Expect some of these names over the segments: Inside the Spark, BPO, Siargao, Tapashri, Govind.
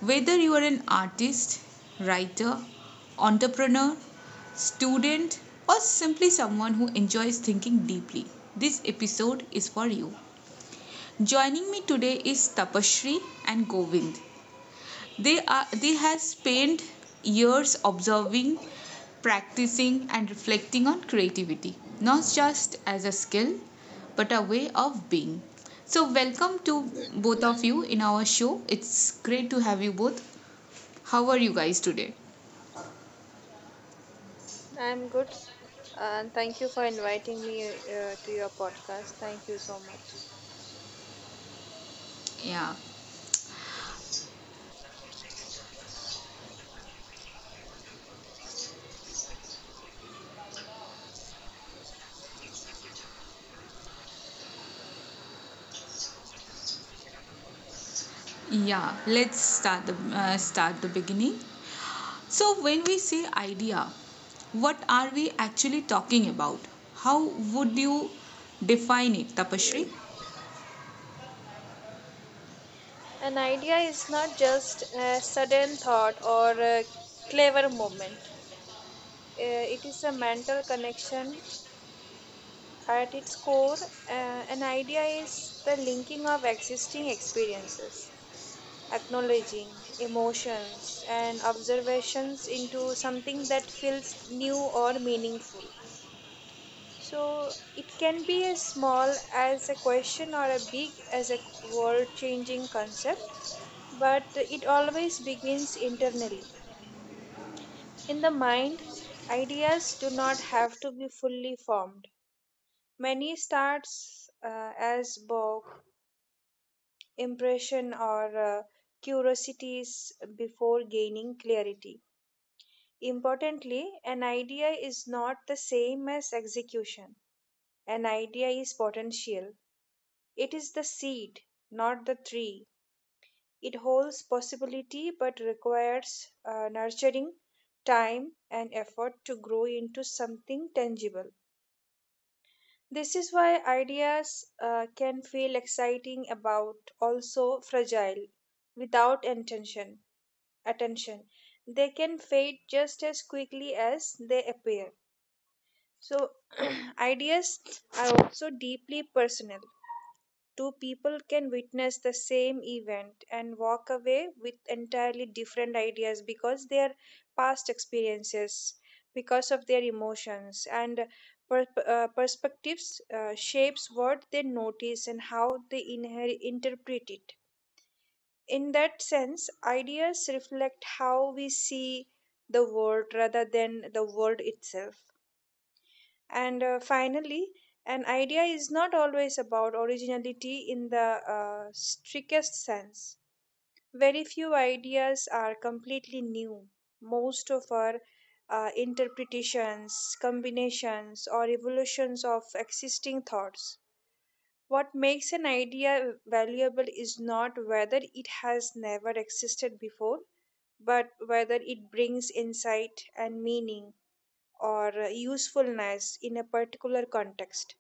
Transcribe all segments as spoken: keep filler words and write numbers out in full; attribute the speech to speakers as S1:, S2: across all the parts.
S1: Whether you are an artist, writer, entrepreneur, student, or simply someone who enjoys thinking deeply, this episode is for you. Joining me today is Tapashri and Govind. They are they has spent years observing, practicing and reflecting on creativity, not just as a skill, but a way of being. So, welcome to
S2: Mm-hmm.
S1: both of you in our show. It's great to have you both. How are you guys today?
S2: I'm good, and thank you for inviting me uh, to your podcast. Thank you so much.
S1: Yeah, yeah. Let's start the uh, start the beginning. So, when we say idea, what are we actually talking about? How would you define it, Tapashri?
S2: An idea is not just a sudden thought or a clever moment. Uh, it is a mental connection. At its core, uh, an idea is the linking of existing experiences, acknowledging emotions and observations into something that feels new or meaningful. So it can be as small as a question or a big as a world changing concept, but it always begins internally. In the mind, ideas do not have to be fully formed. Many starts uh, as bog, impression or uh, curiosities before gaining clarity. Importantly, an idea is not the same as execution. An idea is potential. It is the seed, not the tree. It holds possibility but requires uh, nurturing, time, and effort to grow into something tangible. This is why ideas uh, can feel exciting about also fragile without intention attention they can fade just as quickly as they appear. So ideas are also deeply personal. Two people can witness the same event and walk away with entirely different ideas because their past experiences, because of their emotions and per- uh, perspectives uh, shapes what they notice and how they inher- interpret it. In that sense, ideas reflect how we see the world rather than the world itself. And uh, finally, an idea is not always about originality in the uh, strictest sense. Very few ideas are completely new. Most of our uh, interpretations, combinations, or evolutions of existing thoughts. What makes an idea valuable is not whether it has never existed before, but whether it brings insight and meaning or uh, usefulness in a particular context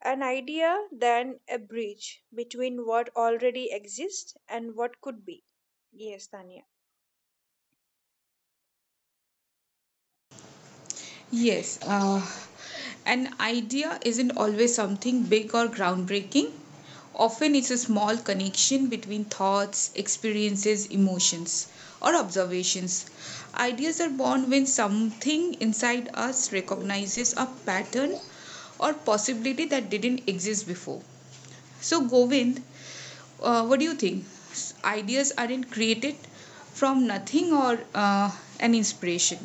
S2: an idea than a bridge between what already exists and what could be. Yes, Tanya.
S1: Yes, uh, an idea isn't always something big or groundbreaking. Often it's a small connection between thoughts, experiences, emotions, or observations. Ideas are born when something inside us recognizes a pattern or possibility that didn't exist before. So, Govind, uh, what do you think? S- Ideas aren't created from nothing or uh, an inspiration?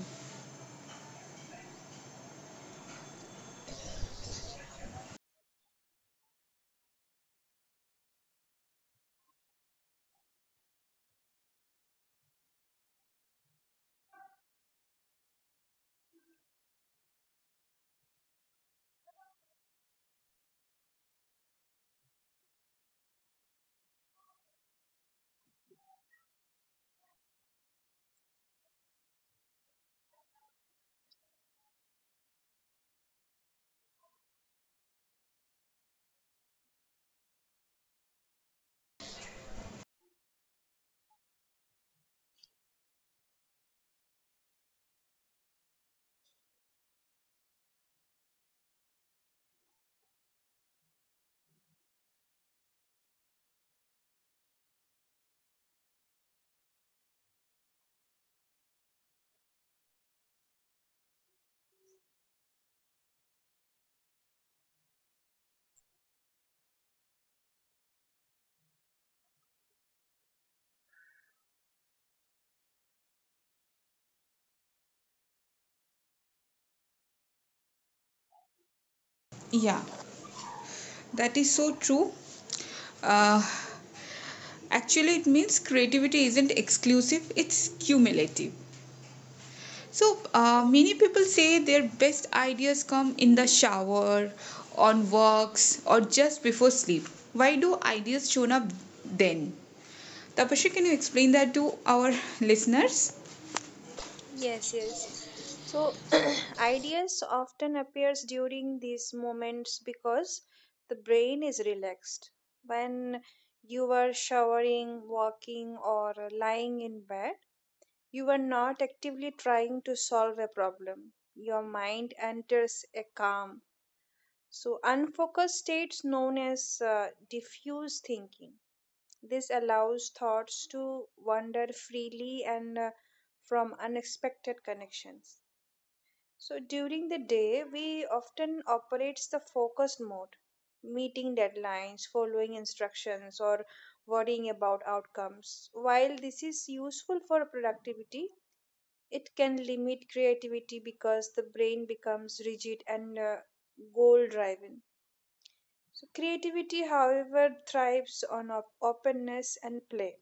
S1: Yeah. That is so true. Uh, actually, it means creativity isn't exclusive, it's cumulative. So, uh, many people say their best ideas come in the shower, on walks, or just before sleep. Why do ideas show up then? Tapasya, can you explain that to our listeners?
S2: Yes, yes. So ideas often appears during these moments because the brain is relaxed. When you are showering, walking or lying in bed, you are not actively trying to solve a problem. Your mind enters a calm. So unfocused states known as uh, diffuse thinking. This allows thoughts to wander freely and uh, from unexpected connections. So during the day, we often operates the focused mode, meeting deadlines, following instructions, or worrying about outcomes. While this is useful for productivity, it can limit creativity because the brain becomes rigid and uh, goal driven. So creativity, however, thrives on op- openness and play.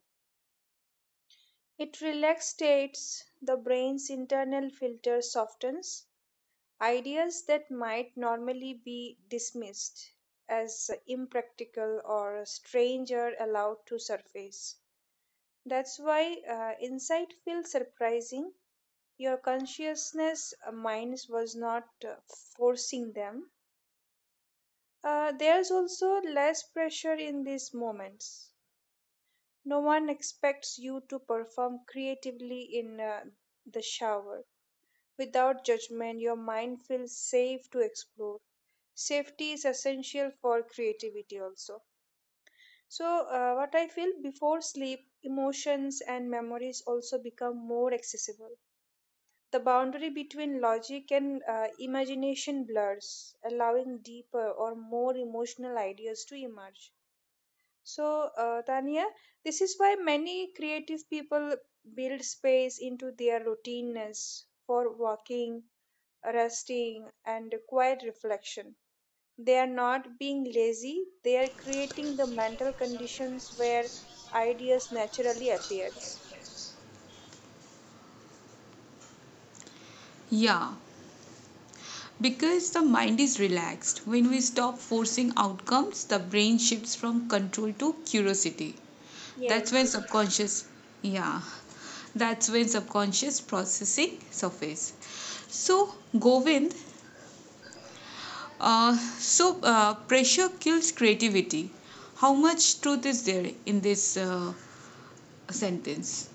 S2: It relaxates the brain's internal filter, softens ideas that might normally be dismissed as uh, impractical or strange are allowed to surface. That's why uh, insight feels surprising. Your consciousness uh, minds was not uh, forcing them. Uh, there's also less pressure in these moments. No one expects you to perform creatively in uh, the shower. Without judgment, your mind feels safe to explore. Safety is essential for creativity, also. So, uh, what I feel before sleep, emotions and memories also become more accessible. The boundary between logic and uh, imagination blurs, allowing deeper or more emotional ideas to emerge. So, uh, Tania, this is why many creative people build space into their routineness for walking, resting, and quiet reflection. They are not being lazy, they are creating the mental conditions where ideas naturally appears.
S1: Yeah, because the mind is relaxed. When we stop forcing outcomes, the brain shifts from control to curiosity. That's
S2: Yes.
S1: when subconscious, yeah, that's when subconscious processing surface. So Govind, uh, so uh, pressure kills creativity. How much truth is there in this uh, sentence?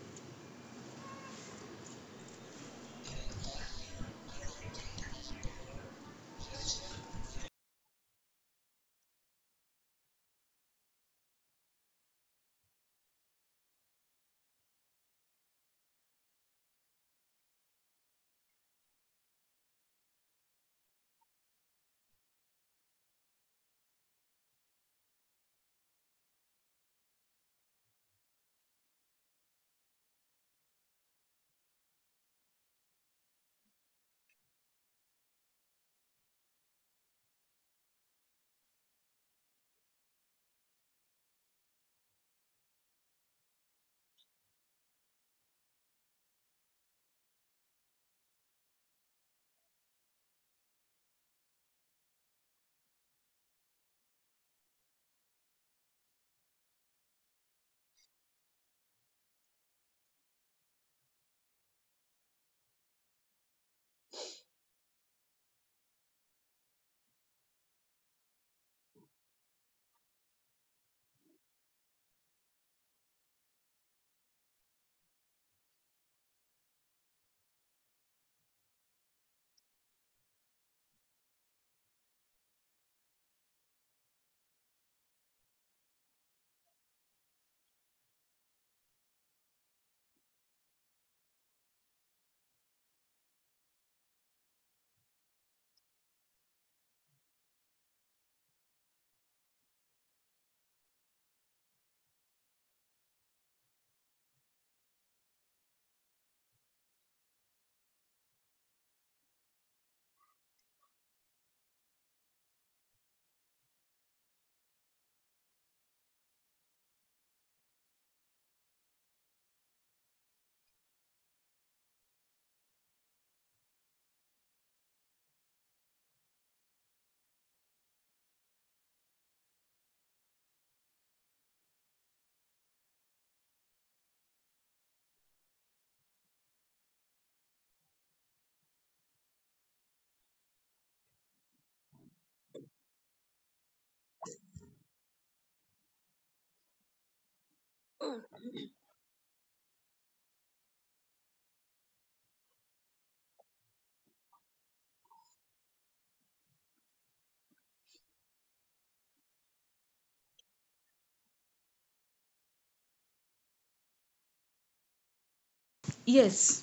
S1: Yes.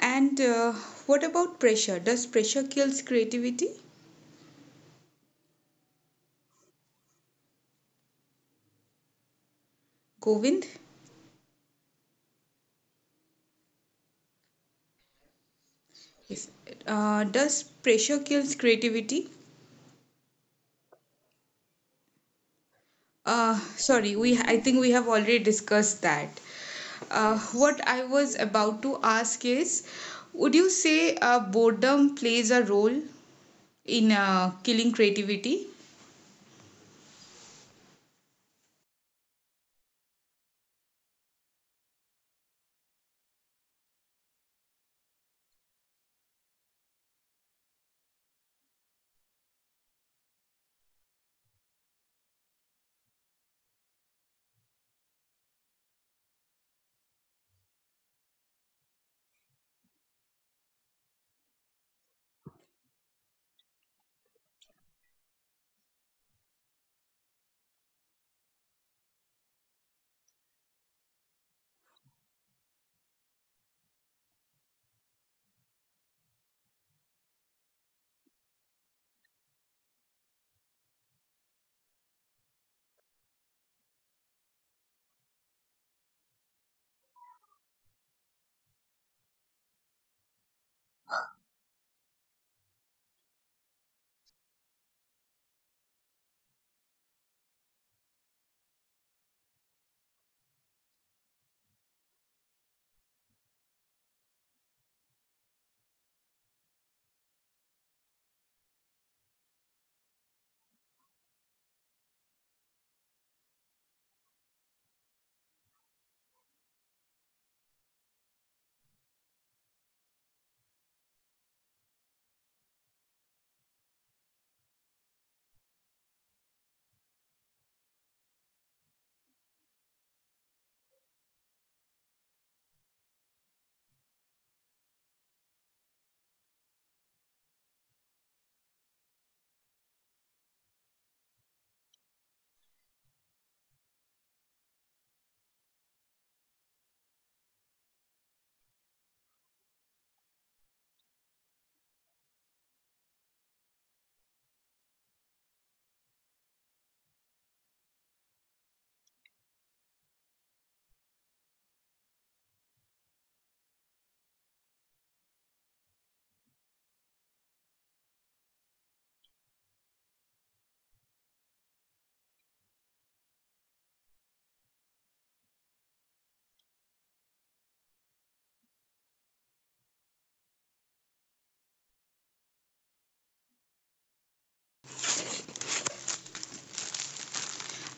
S1: And uh, what about pressure? Does pressure kills creativity? Govind, yes. Uh, does pressure kills creativity? Uh, sorry, we I think we have already discussed that. Uh, what I was about to ask is, would you say uh, boredom plays a role in uh, killing creativity?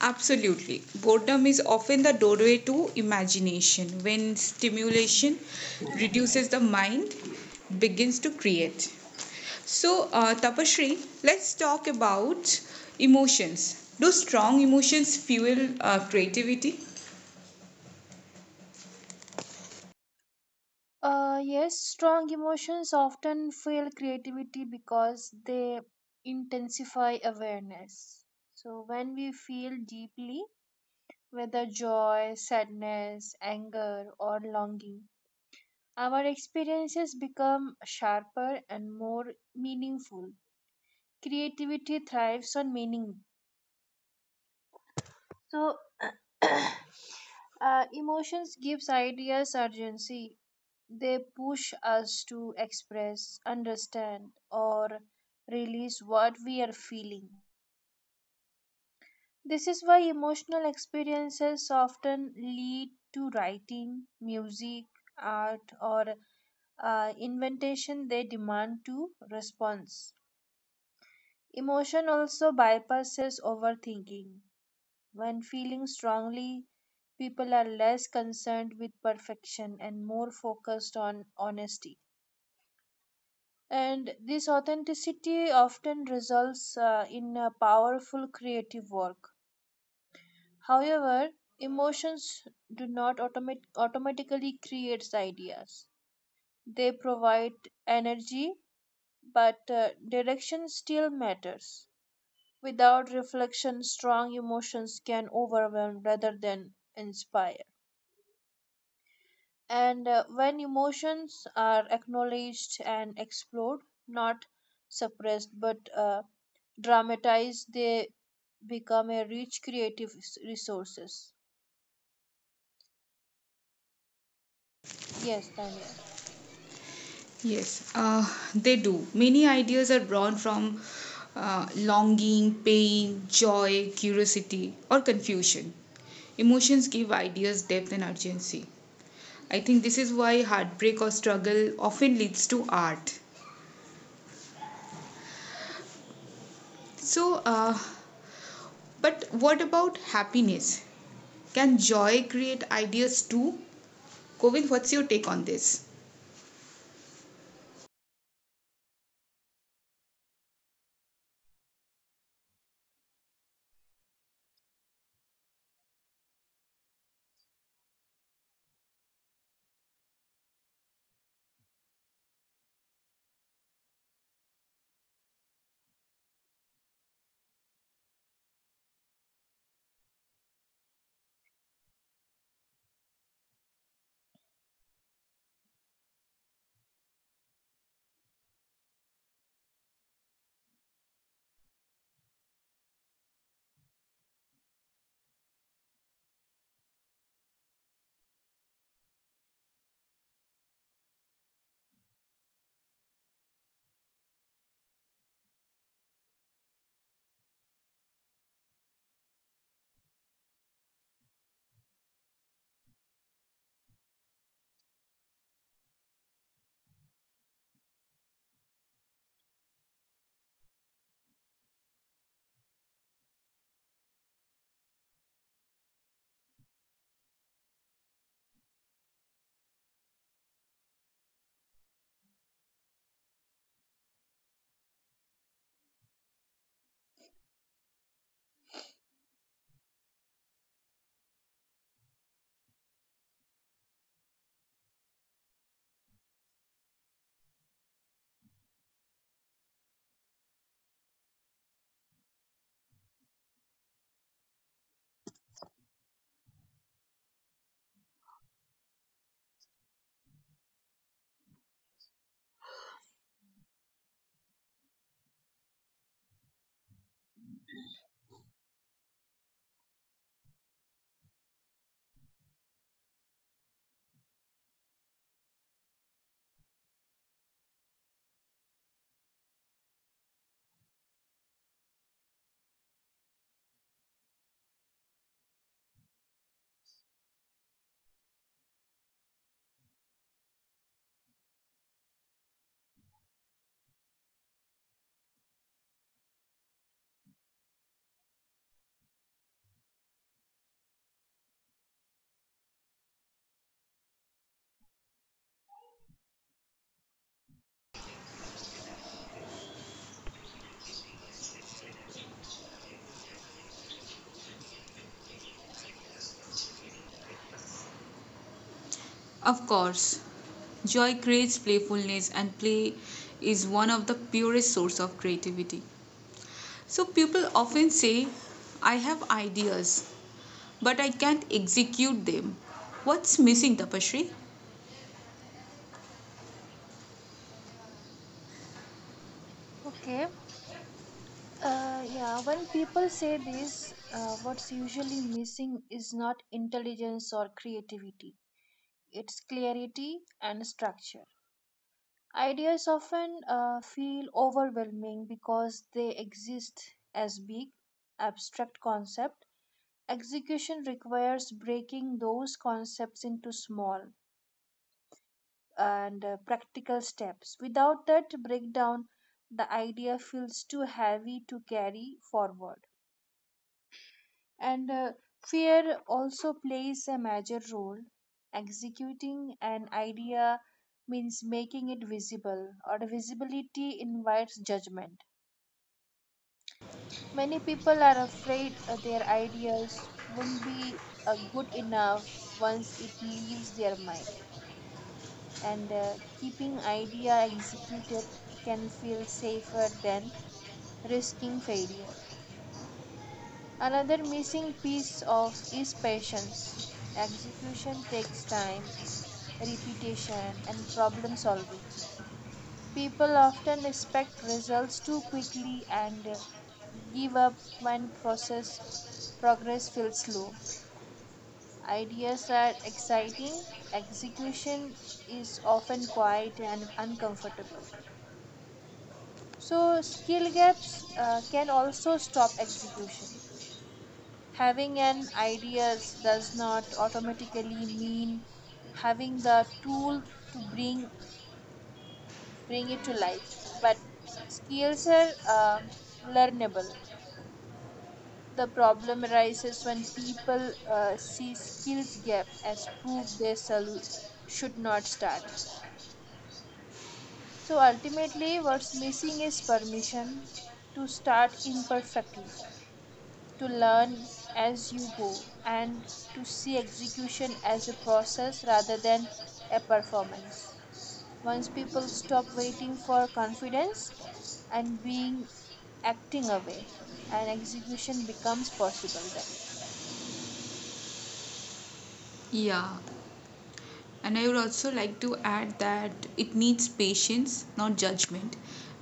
S1: Absolutely. Boredom is often the doorway to imagination. When stimulation reduces the mind, begins to create. So, uh, Tapashri, let's talk about emotions. Do strong emotions fuel uh, creativity?
S2: Uh, yes, strong emotions often fuel creativity because they intensify awareness. So, when we feel deeply, whether joy, sadness, anger, or longing, our experiences become sharper and more meaningful. Creativity thrives on meaning. So, uh, emotions gives ideas urgency. They push us to express, understand, or release what we are feeling. This is why emotional experiences often lead to writing, music, art, or uh, inventation they demand to response. Emotion also bypasses overthinking. When feeling strongly, people are less concerned with perfection and more focused on honesty. And this authenticity often results uh, in a powerful creative work. However, emotions do not automat- automatically create ideas. They provide energy, but uh, direction still matters. Without reflection, strong emotions can overwhelm rather than inspire. And uh, when emotions are acknowledged and explored, not suppressed but uh, dramatized, they become a rich creative s- resources. Yes, Tanya.
S1: Yes, uh, they do. Many ideas are drawn from uh, longing, pain, joy, curiosity, or confusion. Emotions give ideas depth and urgency. I think this is why heartbreak or struggle often leads to art. So, uh, but what about happiness? Can joy create ideas too? Govind, what's your take on this? Of course, joy creates playfulness, and play is one of the purest source of creativity. So people often say, I have ideas, but I can't execute them. What's missing, Tapashri?
S2: Okay. Uh, yeah, when people say this, uh, what's usually missing is not intelligence or creativity, it's clarity and structure. Ideas often uh, feel overwhelming because they exist as big, abstract concepts. Execution requires breaking those concepts into small and uh, practical steps. Without that breakdown, the idea feels too heavy to carry forward. And uh, fear also plays a major role. Executing an idea means making it visible, or visibility invites judgment. Many people are afraid uh, their ideas won't be uh, good enough once it leaves their mind, and uh, keeping idea executed can feel safer than risking failure. Another missing piece of is patience. Execution takes time, repetition, and problem solving. People often expect results too quickly and uh, give up when process progress feels slow. Ideas are exciting, execution is often quiet and uncomfortable. So, skill gaps uh, can also stop execution. Having an ideas does not automatically mean having the tool to bring bring it to life, but skills are uh, learnable. The problem arises when people uh, see skills gap as proof they sol- should not start. So ultimately, what's missing is permission to start imperfectly, to learn as you go, and to see execution as a process rather than a performance. Once people stop waiting for confidence and being acting away, and execution becomes possible then.
S1: Yeah, and I would also like to add that it needs patience, not judgment.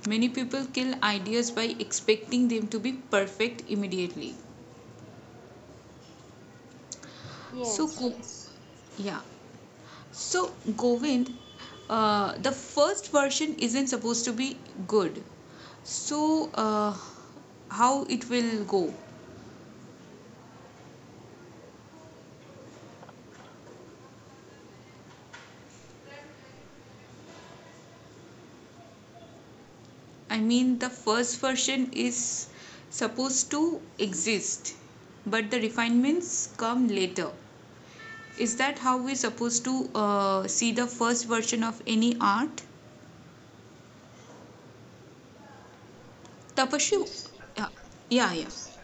S1: Many people kill ideas by expecting them to be perfect immediately. So,
S2: Yes.
S1: Go- Yes. yeah. So, Govind, uh, the first version isn't supposed to be good. So, uh, how it will go? I mean, the first version is supposed to exist, but the refinements come later. Is that how we're supposed to uh, see the first version of any art? Tapasya, Yes. Yeah, yeah,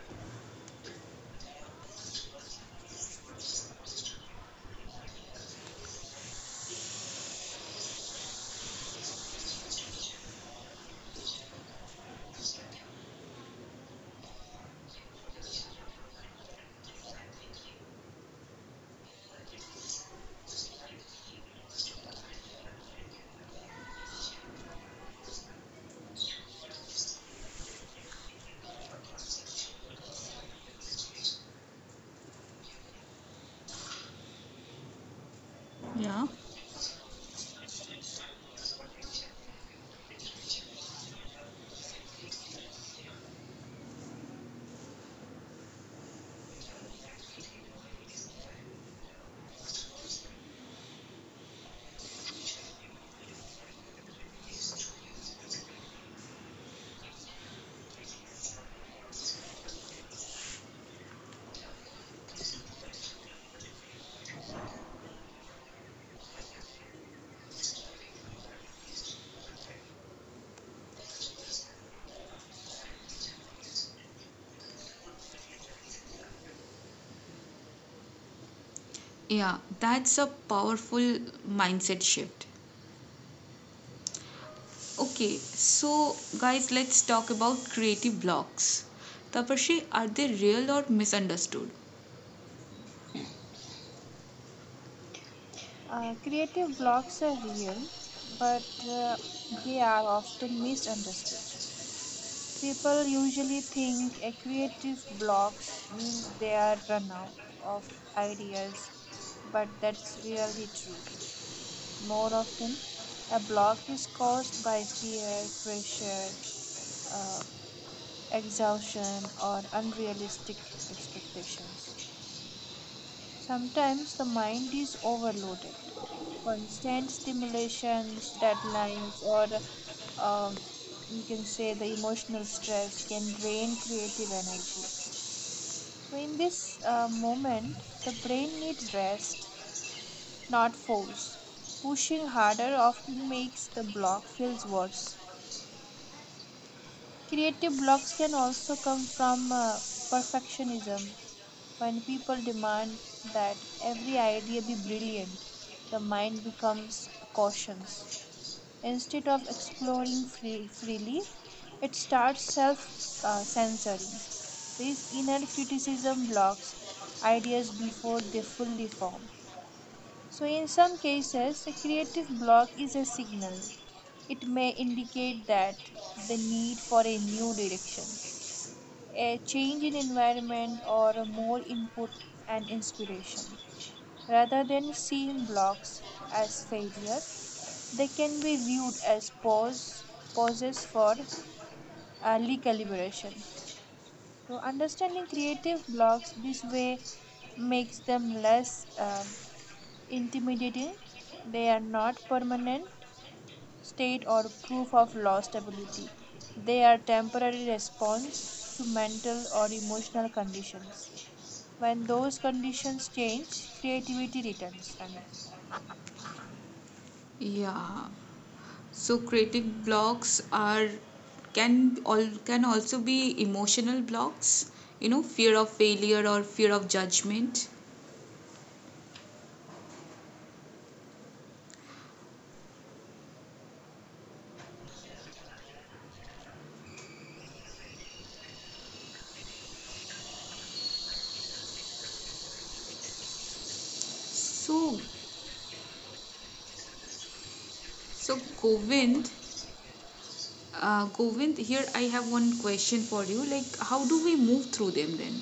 S1: yeah, yeah, yeah. That's a powerful mindset shift. Okay, so guys, let's talk about creative blocks. Tapashi, are they real or misunderstood?
S2: Uh, creative blocks are real, but uh, they are often misunderstood. People usually think a creative blocks means they are run out of ideas, but that's really true. More often, a block is caused by fear, pressure, uh, exhaustion, or unrealistic expectations. Sometimes the mind is overloaded. Constant stimulations, deadlines, or um, you can say the emotional stress can drain creative energy. So, in this uh, moment, the brain needs rest, not force. Pushing harder often makes the block feels worse. Creative blocks can also come from uh, perfectionism. When people demand that every idea be brilliant, the mind becomes cautious. Instead of exploring free, freely, it starts self uh, censoring. This inner criticism blocks ideas before they fully form. So, in some cases, a creative block is a signal. It may indicate that the need for a new direction a change in environment or a more input and inspiration. Rather than seeing blocks as failure, they can be viewed as pause, pauses for uh, recalibration. So, understanding creative blocks this way makes them less um, intimidating. They are not permanent state or proof of lost ability. They are temporary response to mental or emotional conditions. When those conditions change, creativity returns, Tanya.
S1: Yeah, so creative blocks are can all can also be emotional blocks, you know, fear of failure or fear of judgment. So so Govind, uh, Govind, here I have one question for you. Like, how do we move through them then?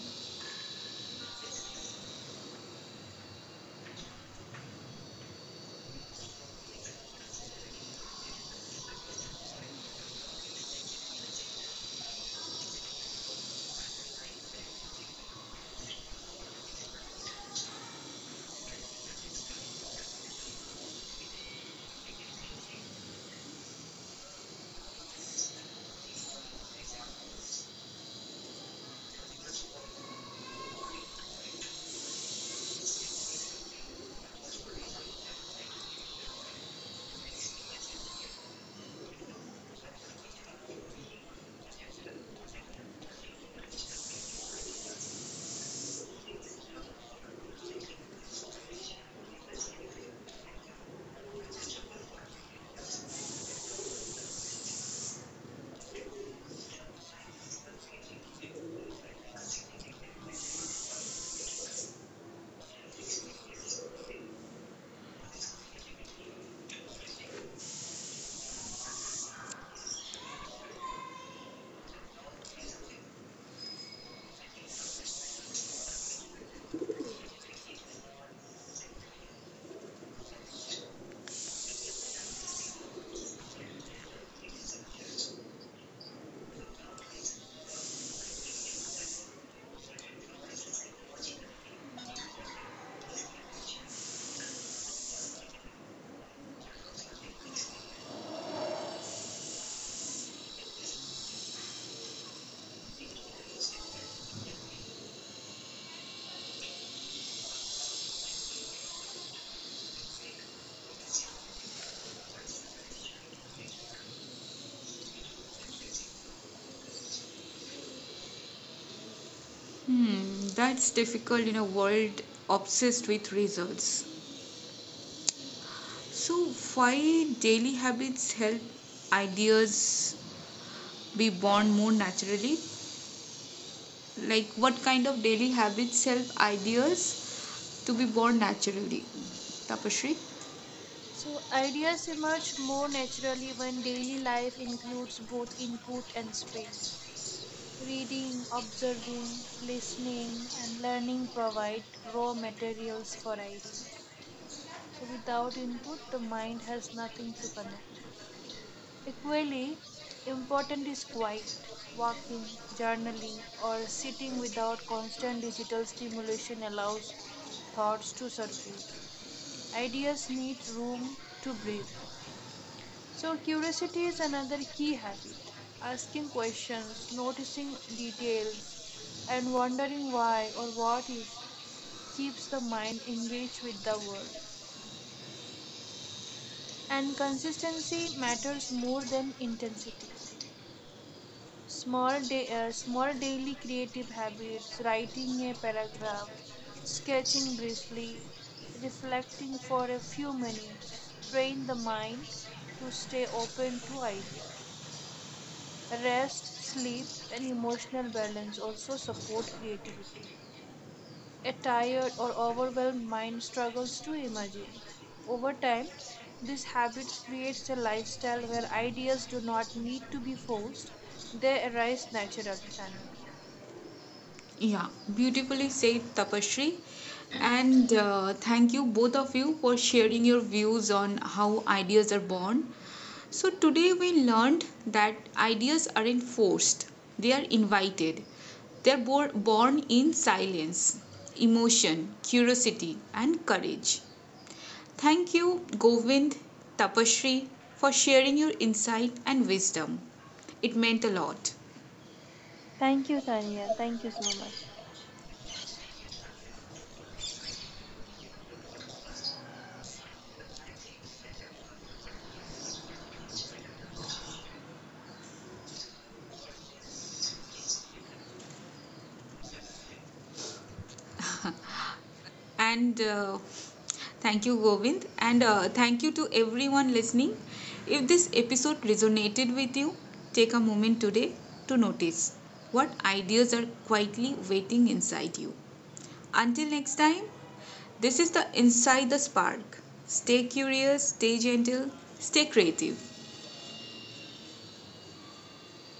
S1: Hmm, that's difficult in a world obsessed with results. So why daily habits help ideas be born more naturally, like what kind of daily habits help ideas to be born naturally, Tapashri?
S2: So, ideas emerge more naturally when daily life includes both input and space. Reading, observing, listening, and learning provide raw materials for ideas. So, without input, the mind has nothing to connect. Equally important is quiet, walking, journaling, or sitting without constant digital stimulation allows thoughts to surface. Ideas need room to breathe. So, curiosity is another key habit. Asking questions, noticing details, and wondering why or what if keeps the mind engaged with the world. And consistency matters more than intensity. Small, da- uh, small daily creative habits, writing a paragraph, sketching briefly, reflecting for a few minutes, train the mind to stay open to ideas. Rest, sleep, and emotional balance also support creativity. A tired or overwhelmed mind struggles to imagine. Over time, these habits creates a lifestyle where ideas do not need to be forced, they arise naturally, Tanya.
S1: Yeah, beautifully said, Tapashri, and uh, thank you both of you for sharing your views on how ideas are born. So today we learned that ideas aren't forced, they are invited, they're bor- born in silence, emotion, curiosity and courage. Thank you, Govind, Tapashri, for sharing your insight and wisdom. It meant a lot.
S2: Thank you, Tania. Thank you so much.
S1: And uh, thank you, Govind. And uh, thank you to everyone listening. If this episode resonated with you, take a moment today to notice what ideas are quietly waiting inside you. Until next time, this is the Inside the Spark. Stay curious, stay gentle, stay creative.